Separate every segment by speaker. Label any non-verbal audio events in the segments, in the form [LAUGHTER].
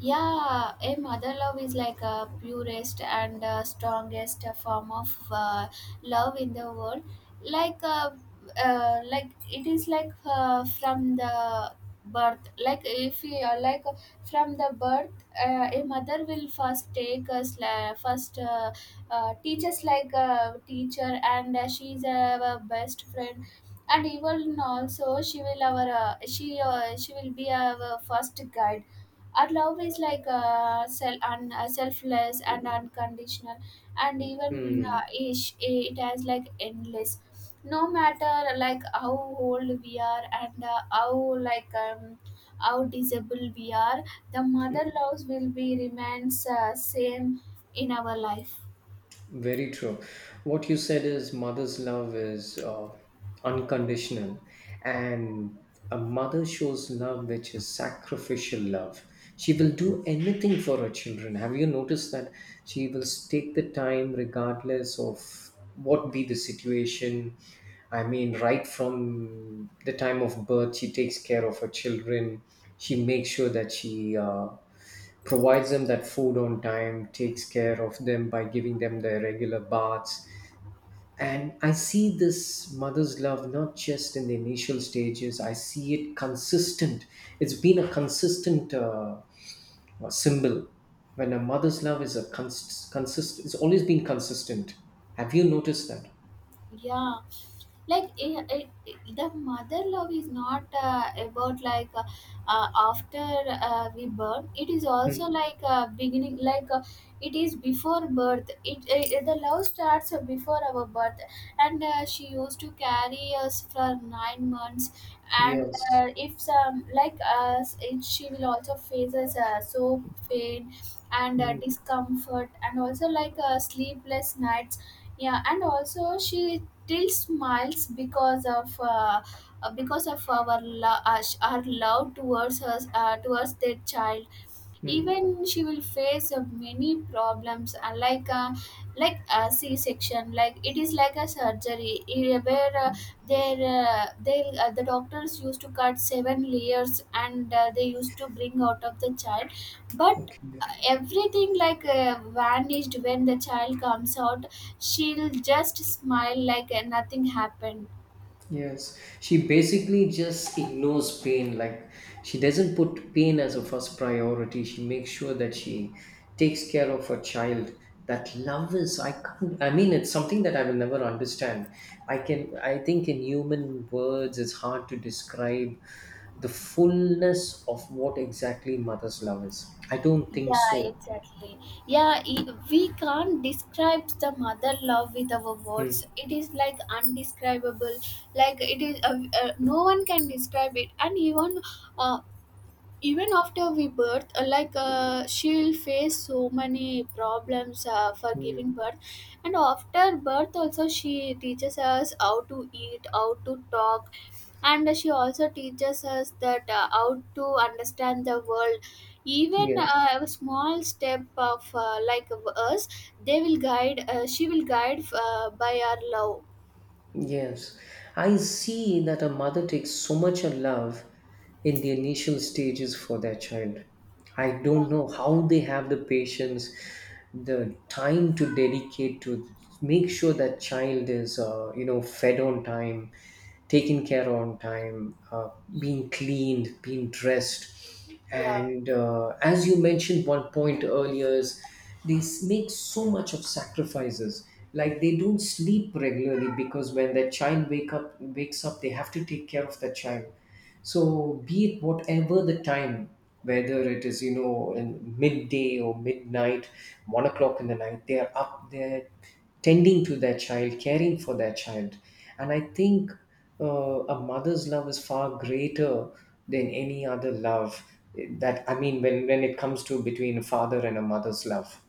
Speaker 1: Yeah, a mother love is like a purest and strongest form of love in the world. Like, uh, like it is like from the birth. Like if you are like from the birth, a mother will first teach us like a teacher, and she is our best friend. And even also, she will be our first guide. Our love is like selfless and unconditional, and even
Speaker 2: Hmm,
Speaker 1: it has like endless. No matter like how old we are and how disabled we are, the mother loves will be remains same in our life.
Speaker 2: very true. What you said is mother's love is unconditional, and a mother shows love which is sacrificial love. She will do anything for her children. Have you noticed that she will take the time, regardless of what be the situation? I mean, right from the time of birth, she takes care of her children. She makes sure that she provides them that food on time, takes care of them by giving them their regular baths. And I see this mother's love not just in the initial stages, I see it consistent. It's been a consistent symbol. When a mother's love is a cons- consist it's always been consistent. Have you noticed that?
Speaker 1: Yeah. Like the mother love is not about like after we birth. It is also
Speaker 2: Mm.
Speaker 1: like beginning like it is before birth. It the love starts before our birth, and she used to carry us for 9 months. And
Speaker 2: Yes.
Speaker 1: if some like us it, she will also faces so pain and
Speaker 2: Mm.
Speaker 1: discomfort, and also like sleepless nights. Yeah, and also she still smiles because of our our love towards us, towards their child.
Speaker 2: Mm.
Speaker 1: Even she will face many problems, like a c-section. Like it is like a surgery, where the doctors used to cut seven layers, and they used to bring out of the child. But
Speaker 2: Okay.
Speaker 1: everything like vanished when the child comes out. She'll just smile like nothing happened.
Speaker 2: Yes, she basically just ignores pain. Like she doesn't put pain as a first priority. She makes sure that she takes care of her child. That love is, I can't, I mean, it's something that I will never understand. I can, I think in human words, it's hard to describe the fullness of what exactly mother's love is. I don't think
Speaker 1: Yeah,
Speaker 2: so.
Speaker 1: exactly. Yeah, we can't describe the mother love with our words.
Speaker 2: Mm.
Speaker 1: It is like undescribable. Like it is no one can describe it. And uh, even after we birth, like she'll face so many problems for
Speaker 2: Mm.
Speaker 1: giving birth. And after birth also she teaches us how to eat, how to talk. And she also teaches us that how to understand the world. Even
Speaker 2: Yes.
Speaker 1: a small step of like of us, they will guide she will guide by our love.
Speaker 2: Yes, I see that a mother takes so much of love in the initial stages for their child. I
Speaker 1: Yeah,
Speaker 2: don't know how they have the patience, the time to dedicate to make sure that child is, fed on time, taken care on time, being cleaned, being dressed.
Speaker 1: yeah,
Speaker 2: And as you mentioned one point earlier, is they make so much of sacrifices. Like they don't sleep regularly because when their child wakes up, they have to take care of that child. So be it whatever the time, whether it is in midday or midnight, 1 o'clock in the night, they are up there tending to their child, caring for their child. And I think a mother's love is far greater than any other love that I mean, when it comes to between a father and a mother's love.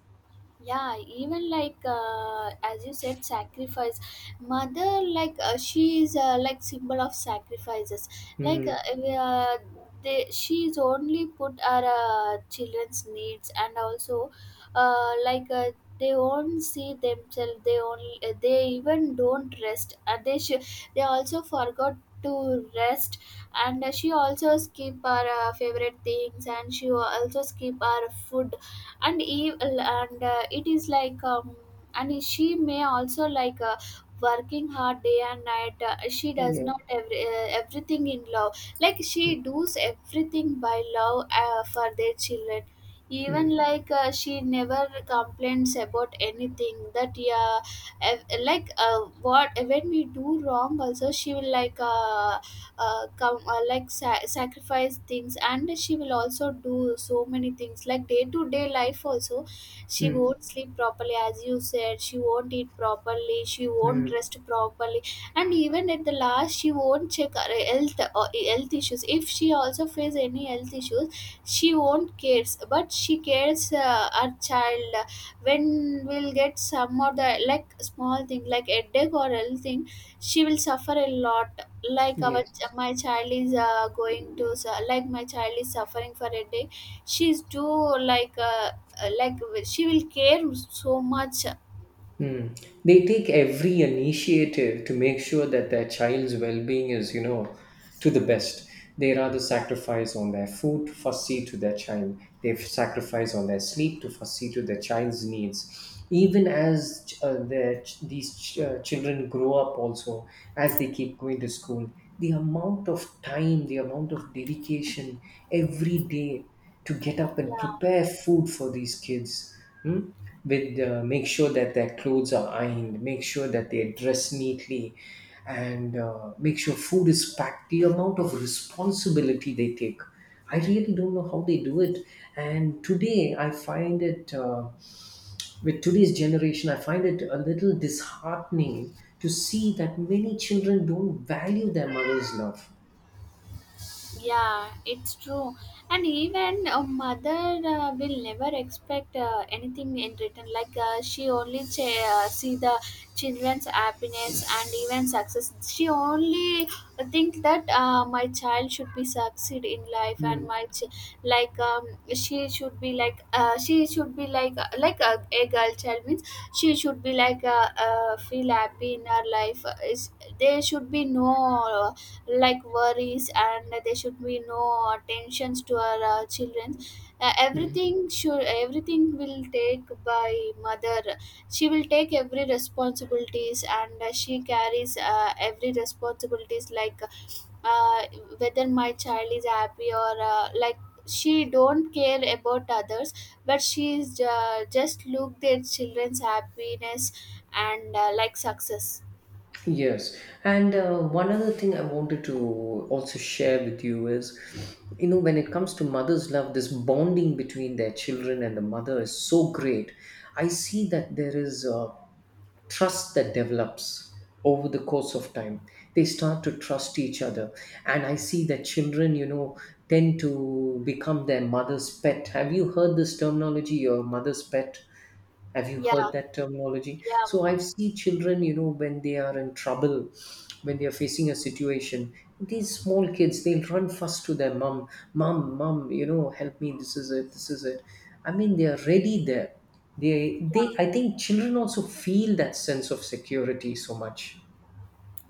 Speaker 1: yeah. Even like as you said, sacrifice. Mother, like she is like symbol of sacrifices. Like
Speaker 2: Hmm.
Speaker 1: she is only put our children's needs, and also like they won't see themselves. They even don't rest. They also forgot to rest. And she also skip our favorite things, and she also skip our food. And it is like and she may also like working hard day and night. She does
Speaker 2: Yeah.
Speaker 1: not everything in love. Like
Speaker 2: Hmm.
Speaker 1: she does everything by love for their children.
Speaker 2: Hmm.
Speaker 1: Even like she never complains about anything that. Yeah. Like what when we do wrong also, she will like come like sacrifice things, and she will also do so many things like day to day life also. She
Speaker 2: Hmm.
Speaker 1: won't sleep properly. As you said, she won't eat properly. She won't
Speaker 2: Hmm.
Speaker 1: rest properly. And even at the last, she won't check her health or health issues. If she also face any health issues, she won't cares, but she cares her child. When we'll get some of the like small thing like headache or health thing, she will suffer a lot. Like our ch
Speaker 2: Yes.
Speaker 1: my child is, going to su like my child is suffering for a day, she's too like, uh, like, she will care so much.
Speaker 2: Hmm. They take every initiative to make sure that their child's well-being is, you know, to the best. They rather sacrifice on their food, fussy to their child. They sacrifice on their sleep to fussy to their child's needs. Even as these children grow up, also as they keep going to school, the amount of time, the amount of dedication every day to get up and
Speaker 1: Yeah.
Speaker 2: prepare food for these kids. Mm? With make sure that their clothes are ironed, make sure that they dress neatly, and make sure food is packed. The amount of responsibility they take, I really don't know how they do it. And today I find it with today's generation, I find it a little disheartening to see that many children don't value their mother's love.
Speaker 1: Yeah, it's true. And even a mother will never expect anything in return. Like she only see the children's happiness and even success. She only think that my child should be succeed in life and
Speaker 2: Mm.
Speaker 1: my ch- like she should be like a girl child means she should be like feel happy in her life. There should be no. Like worries, and there should be no attentions to our children.
Speaker 2: Mm.
Speaker 1: Everything will take by mother. She will take every responsibilities, and she carries every responsibilities like uh, whether my child is happy or like, she don't care about others. But she is just look their children's happiness and like success.
Speaker 2: Yes, and one other thing I wanted to also share with you is, you know, when it comes to mother's love, this bonding between their children and the mother is so great. I see that there is. Trust that develops over the course of time. They start to trust each other. And I see that children, tend to become their mother's pet. Have you heard this terminology, your mother's pet? Have you
Speaker 1: Yeah,
Speaker 2: heard that terminology?
Speaker 1: yeah,
Speaker 2: So I've seen children, you know, when they are in trouble, when they are facing a situation, these small kids, they'll run first to their mom. Mom, mom, you know, help me, this is it, this is it. I mean, they are ready there. They
Speaker 1: yeah,
Speaker 2: they I think children also feel that sense of security so much.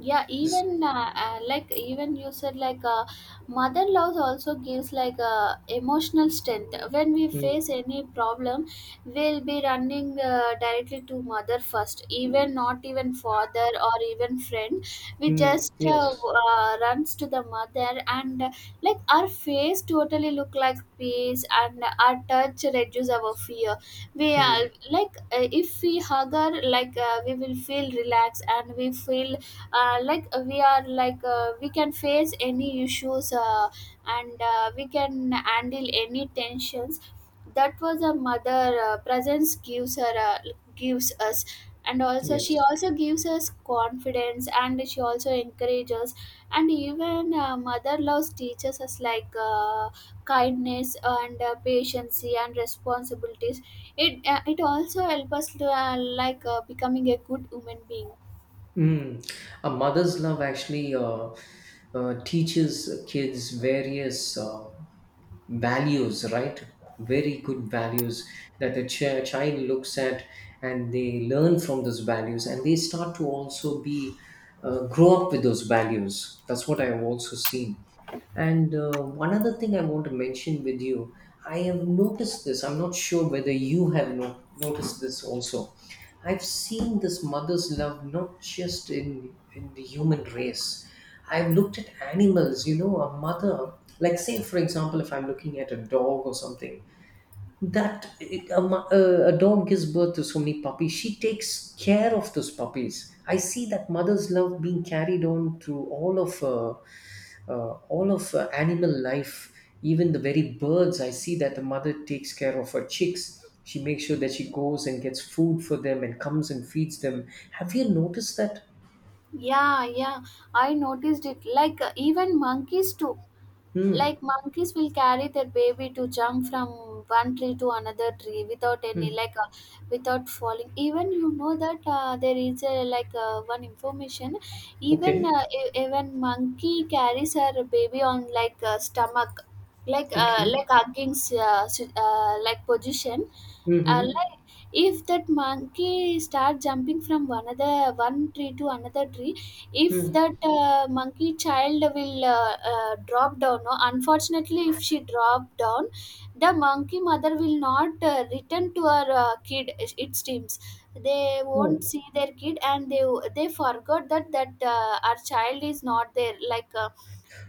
Speaker 1: yeah.
Speaker 2: This,
Speaker 1: Even like, even you said, like mother love also gives like emotional strength when we
Speaker 2: mm,
Speaker 1: face any problem. We'll be running directly to mother first, even not even father or even friend. We
Speaker 2: mm,
Speaker 1: just
Speaker 2: yes.
Speaker 1: runs to the mother, and like our face totally look like peace, and our touch reduce our fear. We are
Speaker 2: Mm,
Speaker 1: like if we hug her, like we will feel relaxed, and we feel like we are like we can face any issues, and we can handle any tensions. That was a mother presence gives her gives us. And also she
Speaker 2: yes.
Speaker 1: also gives us confidence, and she also encourages. And even mother loves teaches us like kindness and patience and responsibilities. It also helps us to, like becoming a good human being.
Speaker 2: Mm. A mother's love actually teaches kids various values, right? Very good values that the child looks at, and they learn from those values, and they start to also be grow up with those values. That's what I've also seen. And one other thing I want to mention with you, I have noticed this. I'm not sure whether you have noticed this also. I've seen this mother's love not just in the human race. I've looked at animals. You know, a mother, like say for example, if I'm looking at a dog or something, that a dog gives birth to so many puppies. She takes care of those puppies. I see that mother's love being carried on through all of animal life. Even the very birds, I see that the mother takes care of her chicks. She makes sure that she goes and gets food for them and comes and feeds them. Have you noticed that?
Speaker 1: Yeah, yeah, I noticed it. Like even monkeys too.
Speaker 2: Hmm.
Speaker 1: Like monkeys will carry their baby to jump from one tree to another tree without any
Speaker 2: Hmm.
Speaker 1: like without falling. Even you know that there is a like one information.
Speaker 2: Okay,
Speaker 1: Even monkey carries her baby on like stomach,
Speaker 2: okay.
Speaker 1: like hugging like position.
Speaker 2: Mm-hmm.
Speaker 1: Like if that monkey start jumping from one tree to another tree, if
Speaker 2: Hmm.
Speaker 1: that monkey child will drop down, no, unfortunately, if she drop down, the monkey mother will not return to her kid. It seems they
Speaker 2: Oh,
Speaker 1: won't see their kid, and they forgot that our child is not there, like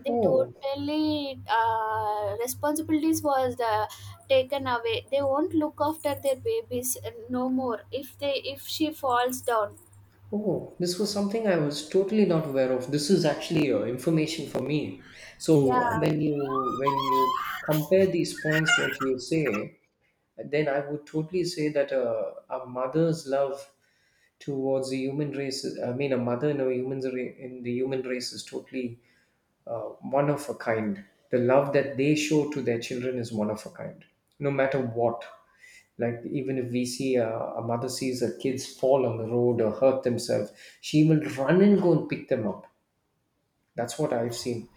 Speaker 1: they
Speaker 2: oh.
Speaker 1: totally responsibilities was taken away. They won't look after their babies no more, if they if she falls down.
Speaker 2: Oh, this was something I was totally not aware of. This is actually information for me. So
Speaker 1: Yeah.
Speaker 2: when you compare these points, what you say, then I would totally say that a mother's love towards the human race. Is- I mean, a mother in a human in the human race is totally one of a kind. The love that they show to their children is one of a kind, no matter what. Like even if we see a, mother sees her kids fall on the road or hurt themselves, she will run and go and pick them up. That's what I've seen.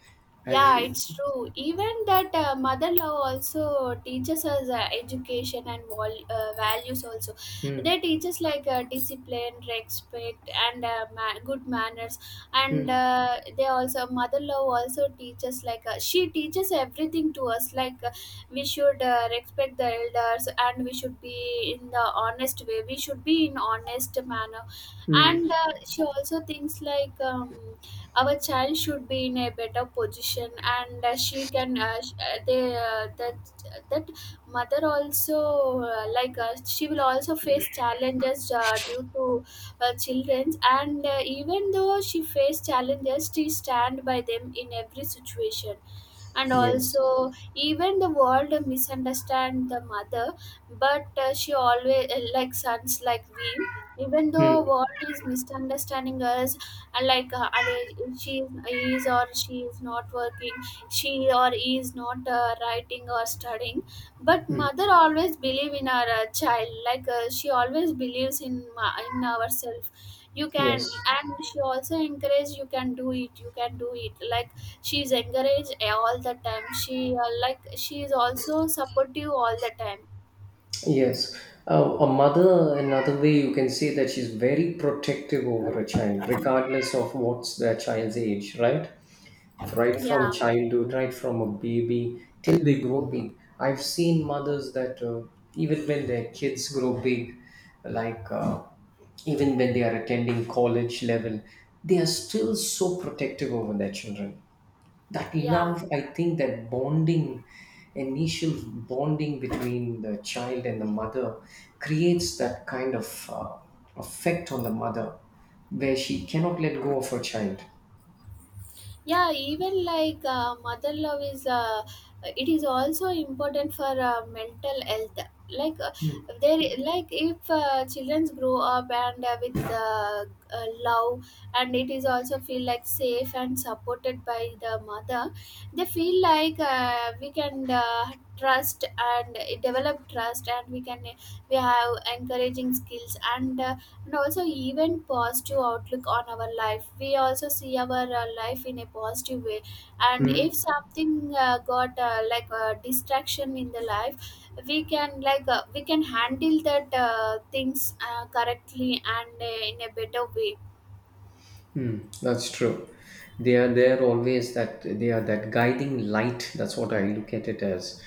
Speaker 2: Have
Speaker 1: Yeah,
Speaker 2: you?
Speaker 1: it's true. Even that mother love also teaches us education and values also.
Speaker 2: Hmm.
Speaker 1: They teach us like discipline, respect, and good manners. And
Speaker 2: Hmm.
Speaker 1: they also mother love also teaches like she teaches everything to us. Like we should respect the elders, and we should be in the honest way. We should be in honest manner.
Speaker 2: Hmm.
Speaker 1: And she also thinks like. Our child should be in a better position, and she can that that mother also like she will also face challenges due to children. And even though she faced challenges, she stand by them in every situation. And
Speaker 2: Yes.
Speaker 1: also even the world misunderstand the mother, but she always like sons like we, even though
Speaker 2: Hmm.
Speaker 1: world is misunderstanding us. And like and she is not working. She or he is not writing or studying, but mother always believe in our child, like she always believes in in ourself. You
Speaker 2: Yes.
Speaker 1: can. And she also encourage, you can do it, you can do it, like she is encouraged all the time. She is also supportive all the time.
Speaker 2: Yes. A mother, another way you can say that she's very protective over a child, regardless of what's their child's age, right? Right from
Speaker 1: Yeah,
Speaker 2: childhood, right from a baby till they grow big. I've seen mothers that even when their kids grow big, like uh, even when they are attending college level, they are still so protective over their children. That
Speaker 1: yeah,
Speaker 2: love, I think, that bonding, initial bonding between the child and the mother creates that kind of effect on the mother where she cannot let go of her child.
Speaker 1: yeah. Even like mother love is it is also important for mental health. Like
Speaker 2: Mm.
Speaker 1: there, like, if children grow up and with love, and it is also feel like safe and supported by the mother, they feel like we can trust and develop trust, and we can, we have encouraging skills, and also even positive outlook on our life. We also see our life in a positive way. And
Speaker 2: Mm.
Speaker 1: if something got like a distraction in the life, we can handle that things correctly, and in a better way.
Speaker 2: Hmm, that's true. They are there always. That they are that guiding light. That's what I look at it as.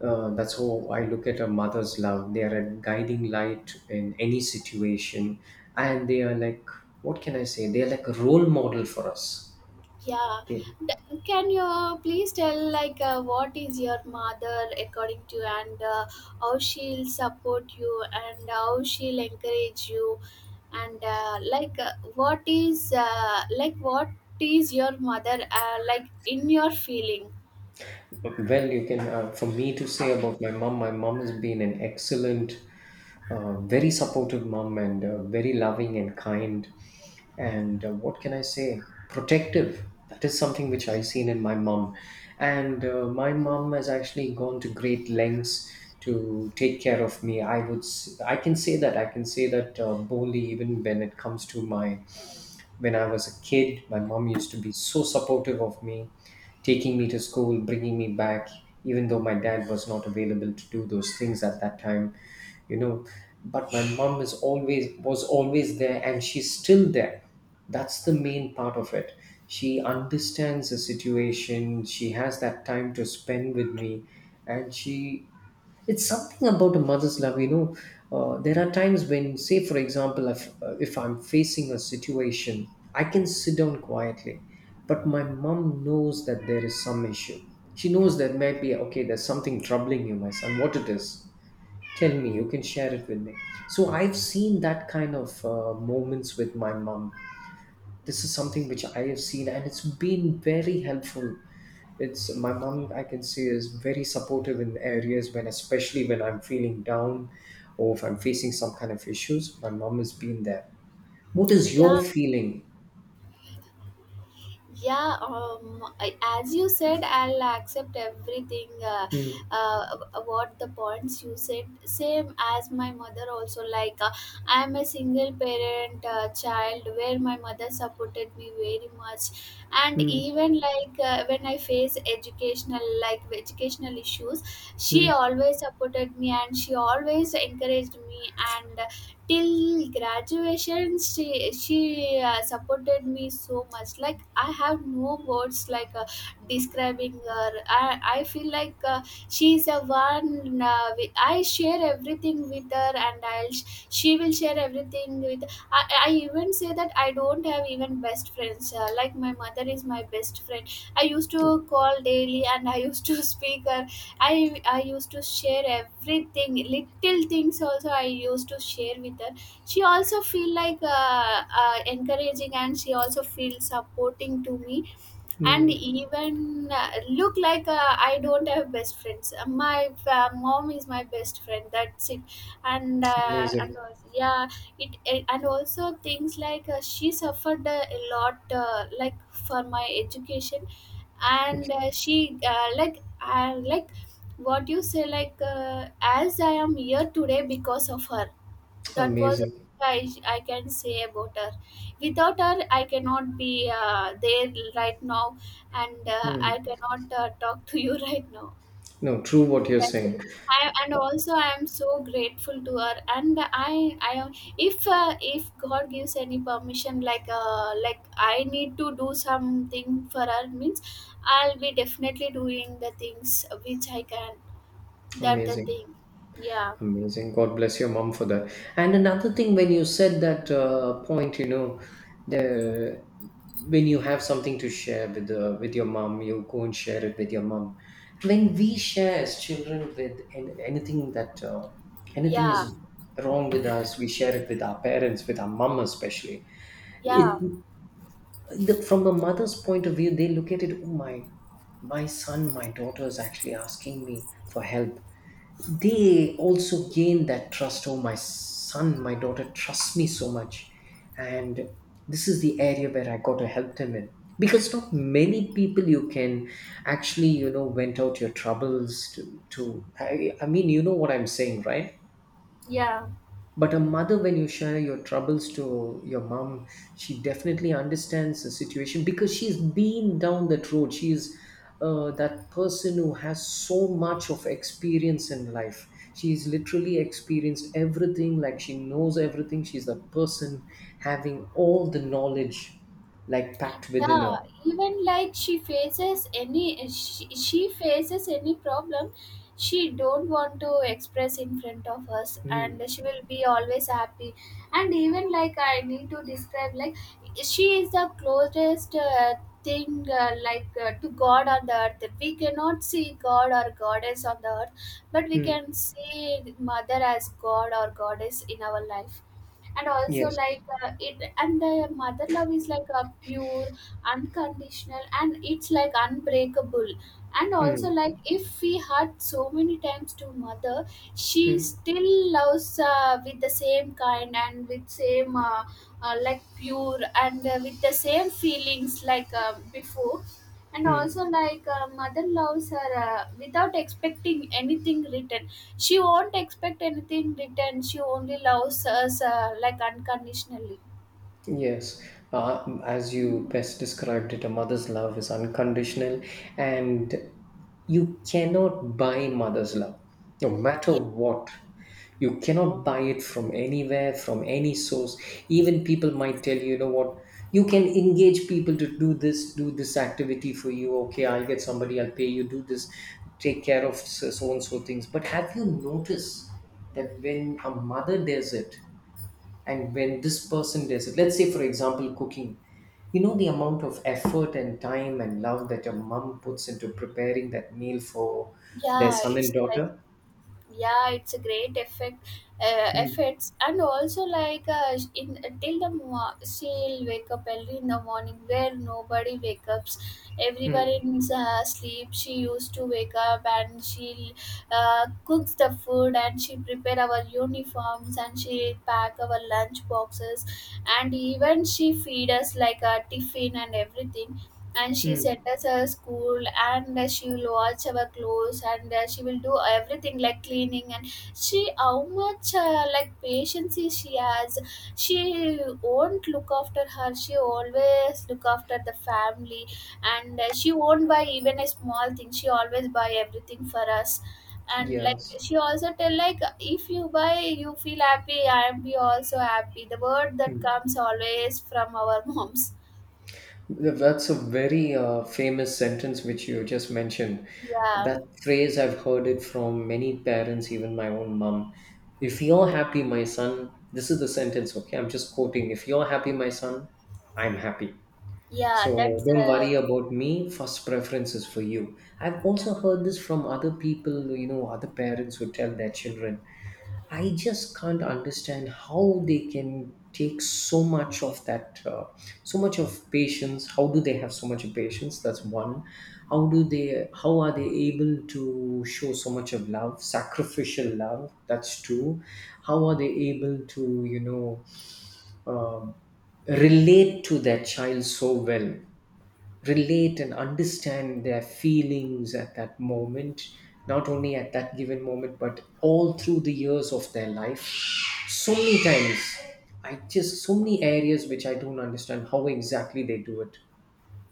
Speaker 2: That's how I look at a mother's love. They are a guiding light in any situation, and they are like, what can I say? They are like a role model for us.
Speaker 1: Yeah.
Speaker 2: They,
Speaker 1: Can you please tell, like what is your mother according to, and how she'll support you and how she'll encourage you, and like what is your mother like in your feeling?
Speaker 2: well, you can for me to say about my mom. My mom has been an excellent, very supportive mom, and very loving and kind. And what can I say, protective, that is something which I seen in my mom. And my mom has actually gone to great lengths to take care of me. I can say that boldly, even when it comes to my when I was a kid. My mom used to be so supportive of me, taking me to school, bringing me back, even though my dad was not available to do those things at that time, you know. But my mom is always was always there, and she's still there. That's the main part of it. She understands the situation. She has that time to spend with me, and she it's something about a mother's love, you know, there are times when, say for example, if I'm facing a situation, I can sit down quietly, but my mom knows that there is some issue. She knows that, maybe okay, there's something troubling you, my son, what it is. Tell me, you can share it with me. So I've seen that kind of moments with my mom. This is something which I have seen, and it's been very helpful. It's my mom, I can see, is very supportive in areas when especially when I'm feeling down, or if I'm facing some kind of issues. My mom has been there. What is
Speaker 1: Yeah,
Speaker 2: your feeling?
Speaker 1: yeah um I- as you said, I'll accept everything.
Speaker 2: Mm.
Speaker 1: Uh, what the points you said, same as my mother. Also, like, I'm a single parent child, where my mother supported me very much. And
Speaker 2: Mm.
Speaker 1: even, like, when I face educational, like, educational issues, she
Speaker 2: Mm.
Speaker 1: always supported me and she always encouraged me. And till graduation, she supported me so much. Like, I have no words, like, describing her. I feel like, she is a one, with, I share everything with her. And I'll she will share everything with. I even say that I don't have even best friends, like, my mother is my best friend. I used to call daily and I used to [LAUGHS] speak her. I used to share everything. Little things also I used to share with her. She also feel like, encouraging, and she also feel supporting to me. And
Speaker 2: Mm.
Speaker 1: even, look, like, I don't have best friends. My mom is my best friend. That's it. And
Speaker 2: Amazing.
Speaker 1: also, yeah, and also things like, she suffered, a lot, like, for my education. And, she, like I like what you say, like, as I am here today because of her. That was.
Speaker 2: Amazing.
Speaker 1: I can say about her. Without her, I cannot be, there right now, and, I
Speaker 2: Mm.
Speaker 1: cannot, talk to you [LAUGHS] right now.
Speaker 2: No, true what you're
Speaker 1: That's it.
Speaker 2: saying.
Speaker 1: And also, I am so grateful to her. And I am. If God gives any permission, like, like I need to do something for her, means I'll be definitely doing the things which I can. That the
Speaker 2: Amazing.
Speaker 1: thing. Yeah,
Speaker 2: Amazing. God bless your mom for that. And another thing, when you said that point, you know, the when you have something to share with the with your mom, you go and share it with your mom. When we share as children with anything that anything
Speaker 1: yeah,
Speaker 2: is wrong with us, we share it with our parents, with our mom especially. It
Speaker 1: yeah,
Speaker 2: from a mother's point of view, they look at it. Oh my, my son, my daughter is actually asking me for help. They also gain that trust. Oh, my son, my daughter trusts me so much, and this is the area where I got to help them in, because not many people you can actually, vent out your troubles to, to, I mean, what I'm saying, right?
Speaker 1: yeah.
Speaker 2: But a mother, when you share your troubles to your mom, she definitely understands the situation because she's been down that road. She's that person who has so much of experience in life. She's literally experienced everything. Like, she knows everything. She's the person having all the knowledge, like, packed within her.
Speaker 1: Yeah, even like she faces any problem. She don't want to express in front of us, and
Speaker 2: Mm.
Speaker 1: she will be always happy. And even, like, I need to describe, like, she is the closest, thing, like, to god on the earth. We cannot see god or goddess on the earth, but we
Speaker 2: Mm.
Speaker 1: can see mother as god or goddess in our life. And also,
Speaker 2: Yes.
Speaker 1: like, it and the mother love is like a pure, unconditional, and it's like unbreakable. And also,
Speaker 2: Mm.
Speaker 1: like, if we hurt so many times to mother, she
Speaker 2: Mm.
Speaker 1: still loves, with the same kind and with same, like, pure, and, with the same feelings, like, before. And
Speaker 2: Mm.
Speaker 1: also, like, mother loves her, without expecting anything written. She won't expect anything returned. She only loves us, like, unconditionally.
Speaker 2: Yes, as you best described it, a mother's love is unconditional, and you cannot buy mother's love, no matter what. You cannot buy it from anywhere, from any source. Even people might tell you, you know what, you can engage people to do this activity for you. Okay, I'll get somebody, I'll pay you, do this, take care of so so and so things. But have you noticed that when a mother does it, and when this person does it, let's say, for example, cooking, you know, the amount of effort and time and love that your mom puts into preparing that meal for their
Speaker 1: Yeah,
Speaker 2: son and
Speaker 1: it's,
Speaker 2: daughter.
Speaker 1: yeah, it's a great effect,
Speaker 2: Mm.
Speaker 1: effects. And also, like, in till the mo- she'll wake up early in the morning where nobody wakes up. Everyone
Speaker 2: Mm.
Speaker 1: in, sleep, she used to wake up and she'll, cooks the food, and she prepare our uniforms, and she pack our lunch boxes, and even she feed us like a tiffin and everything, and she
Speaker 2: Mm.
Speaker 1: sent us a school. And, she will wash our clothes, and, she will do everything like cleaning. And she, how much, like, patience is she has. She won't look after her, she always look after the family. And, she won't buy even a small thing, she always buy everything for us. And, like,
Speaker 2: Yes.
Speaker 1: she also tell, like, if you buy you feel happy, I am be also happy. The word that
Speaker 2: Mm.
Speaker 1: comes always from our [LAUGHS] moms.
Speaker 2: That's a very famous sentence which you just mentioned,
Speaker 1: Yeah.
Speaker 2: that phrase. I've heard it from many parents, even my own mom. If you're happy, my son, this is the sentence, okay, I'm just quoting, if you're happy, my son, I'm happy.
Speaker 1: Yeah, that's,
Speaker 2: So don't worry about me. First preference is for you. I've also heard this from other people, you know, other parents who tell their children. I just can't understand how they can take so much of that, so much of patience. How do they have so much of patience? That's one. How do they? How are they able to show so much of love, sacrificial love? That's two. How are they able to, you know, uh, relate to their child so well? Relate and understand their feelings at that moment, not only at that given moment, but all through the years of their life. So many times, I just, so many areas which I don't understand how exactly they do it.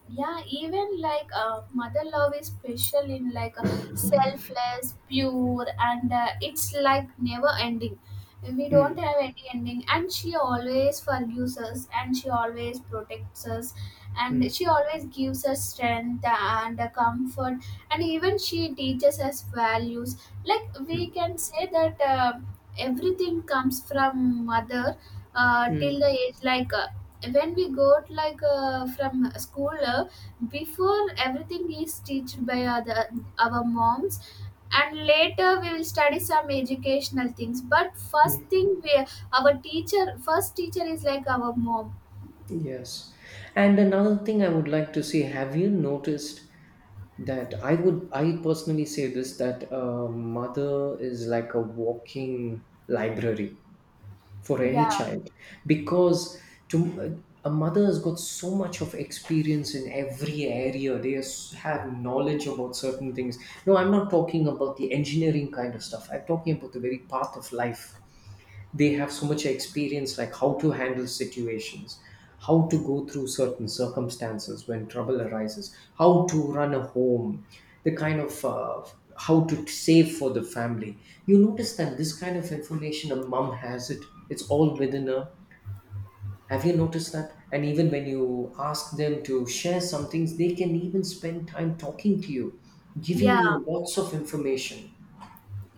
Speaker 1: yeah. Even, like, mother love is special, in like, selfless, pure, and, it's like never ending. We don't
Speaker 2: Mm.
Speaker 1: have any ending, and she always forgives us, and she always protects us, and
Speaker 2: Mm.
Speaker 1: she always gives us strength and, comfort, and even she teaches us values. Like, we
Speaker 2: Mm.
Speaker 1: can say that, everything comes from mother,
Speaker 2: Mm.
Speaker 1: till the age, like. When we got, like, from school, before everything is taught by other, our moms. And later we will study some educational things, but first
Speaker 2: Mm.
Speaker 1: thing we, our teacher, first teacher is like our mom.
Speaker 2: Yes. And another thing I would like to say, have you noticed that I would, I personally say this, that a mother is like a walking library for any
Speaker 1: Yeah,
Speaker 2: child, because to a mother has got so much of experience in every area. They have knowledge about certain things. No, I'm not talking about the engineering kind of stuff. I'm talking about the very path of life. They have so much experience, like how to handle situations, how to go through certain circumstances when trouble arises, how to run a home, the kind of how to save for the family. You notice that this kind of information a mom has it, it's all within her. Have you noticed that? And even when you ask them to share some things, they can even spend time talking to you, giving
Speaker 1: yeah,
Speaker 2: you lots of information.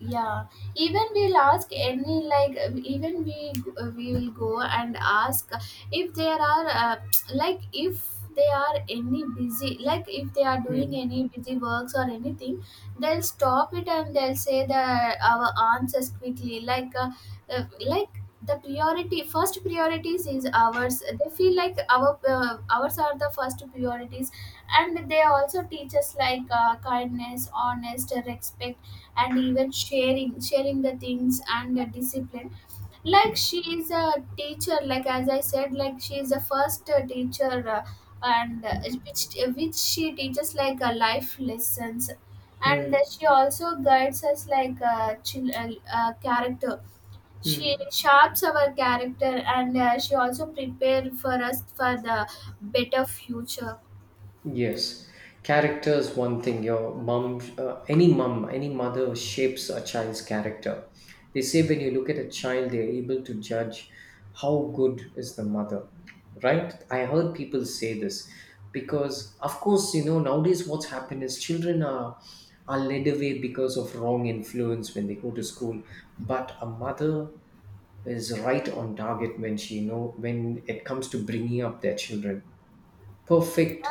Speaker 1: yeah. Even we'll ask any, like, even we will go and ask if there are, like, if they are any busy, like if they are doing
Speaker 2: Hmm.
Speaker 1: any busy works or anything, they'll stop it and they'll say the our answers quickly, like, like, the priority, first priorities is ours. They feel like our, ours are the first priorities. And they also teach us, like, kindness, honest, respect, and even sharing the things, and the discipline. Like, she is a teacher. Like, as I said, like, she is the first, teacher, and which which she teaches, like, life lessons. And
Speaker 2: Hmm.
Speaker 1: she also guides us, like, character. She
Speaker 2: Hmm.
Speaker 1: sharps our character. And, she also prepare for us for the better future.
Speaker 2: Yes, character is one thing. Your mom, any mom, any mother shapes a child's character. They say when you look at a child, they're able to judge how good is the mother, right? I heard people say this because, of course, you know, nowadays what's happened is children are led away because of wrong influence when they go to school, but a mother is right on target when she know, when it comes to bringing up their children. Perfect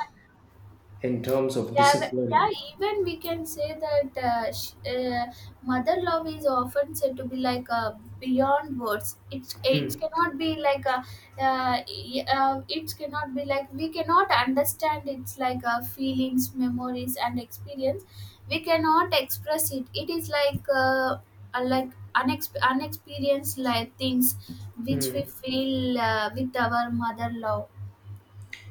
Speaker 2: in terms of
Speaker 1: Yeah,
Speaker 2: discipline.
Speaker 1: yeah, even we can say that, mother love is often said to be like, beyond words. It
Speaker 2: Mm.
Speaker 1: cannot be like a, it cannot be like, we cannot understand its, like, feelings, memories, and experience. We cannot express it. It is like, like, unexperienced, like, things which we
Speaker 2: Mm.
Speaker 1: feel, with our mother love.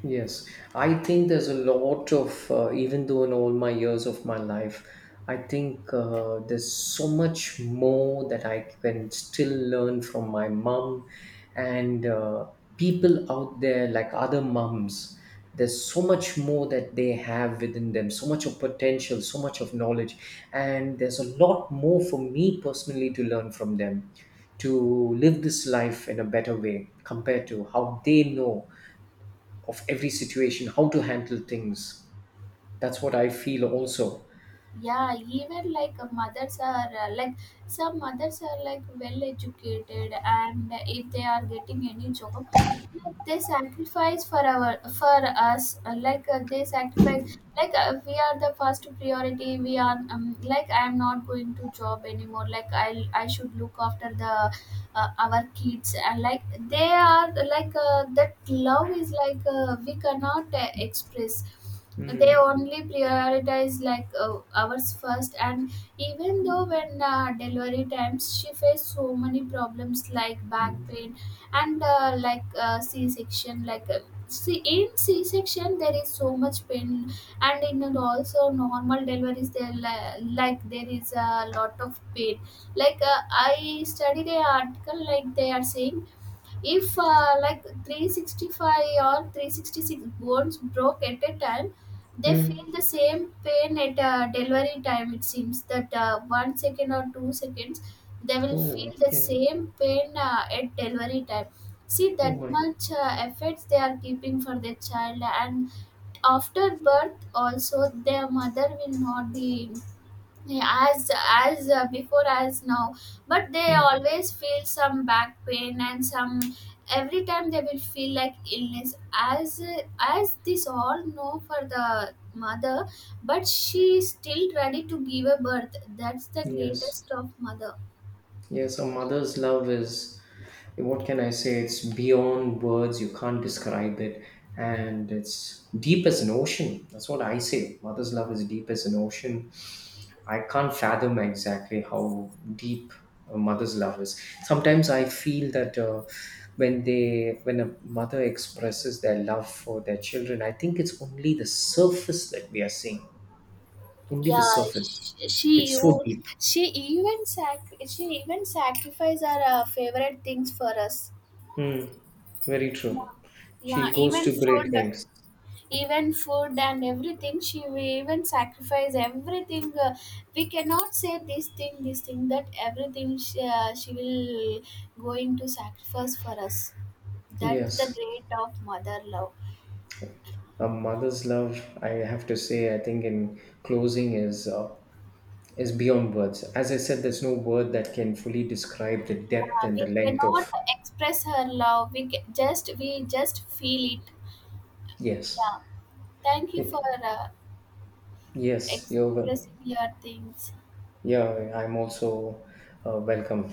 Speaker 2: Yes, I think there's a lot of, even though in all my years of my life, I think there's so much more that I can still learn from my mom, and people out there, like other mums. There's so much more that they have within them, so much of potential, so much of knowledge, and there's a lot more for me personally to learn from them, to live this life in a better way compared to how they know of every situation, how to handle things. That's what I feel also.
Speaker 1: Yeah, even, like, mothers are, like, some mothers are, like, well educated, and if they are getting any job, like, they sacrifice for our for us like, they sacrifice, like, we are the first priority. We are, like, I am not going to job anymore. Like, I should look after the, our kids. And like, they are, like, that love is like, we cannot, express. They
Speaker 2: Mm.
Speaker 1: only prioritize, like, ours first. And even though when, delivery times, she faced so many problems, like back
Speaker 2: Mm.
Speaker 1: pain, and, like, c-section, like, see in c-section there is so much pain. And in also normal deliveries there, like, there is a lot of pain. Like, I studied a article, like, they are saying, if, like, 365 or 366 bones broke at a time, they feel
Speaker 2: Mm.
Speaker 1: the same pain at, delivery time. It seems that, 1 second or 2 seconds, they will feel
Speaker 2: Oh,
Speaker 1: the
Speaker 2: yeah.
Speaker 1: same pain, at delivery time. See
Speaker 2: Oh
Speaker 1: that
Speaker 2: my.
Speaker 1: much, efforts they are keeping for their child. And after birth also, their mother will not be, yeah, as before, as now. But they
Speaker 2: Mm.
Speaker 1: always feel some back pain and some, every time they will feel like illness, as, as this all know for the mother. But she is still ready to give a birth. That's the
Speaker 2: Yes.
Speaker 1: greatest of mother.
Speaker 2: Yes, a mother's love is, what can I say? It's beyond words. You can't describe it. And it's deep as an ocean. That's what I say. Mother's love is deep as an ocean. I can't fathom exactly how deep a mother's love is. Sometimes I feel that when they, when a mother expresses their love for their children, I think it's only the surface that we are seeing. Only the
Speaker 1: Yeah,
Speaker 2: surface.
Speaker 1: she,
Speaker 2: It's so
Speaker 1: you,
Speaker 2: deep.
Speaker 1: she even sacrifice our, favorite things for us.
Speaker 2: Hmm. Very true.
Speaker 1: Yeah,
Speaker 2: She goes
Speaker 1: even
Speaker 2: to great
Speaker 1: food,
Speaker 2: lengths.
Speaker 1: even food and everything she will even sacrifice everything, we cannot say this thing this thing, that everything she will going to sacrifice for us. That's the
Speaker 2: Yes,
Speaker 1: great of mother love.
Speaker 2: a mother's love. I have to say, I think in closing is beyond words. As I said, there's no word that can fully describe the
Speaker 1: Yeah,
Speaker 2: depth and the
Speaker 1: we
Speaker 2: length
Speaker 1: cannot
Speaker 2: of.
Speaker 1: express her love, just we just feel it.
Speaker 2: Yes.
Speaker 1: Yeah. Thank you for,
Speaker 2: Y- Yes, you're wel-
Speaker 1: expressing your things.
Speaker 2: Yeah, I'm also welcome.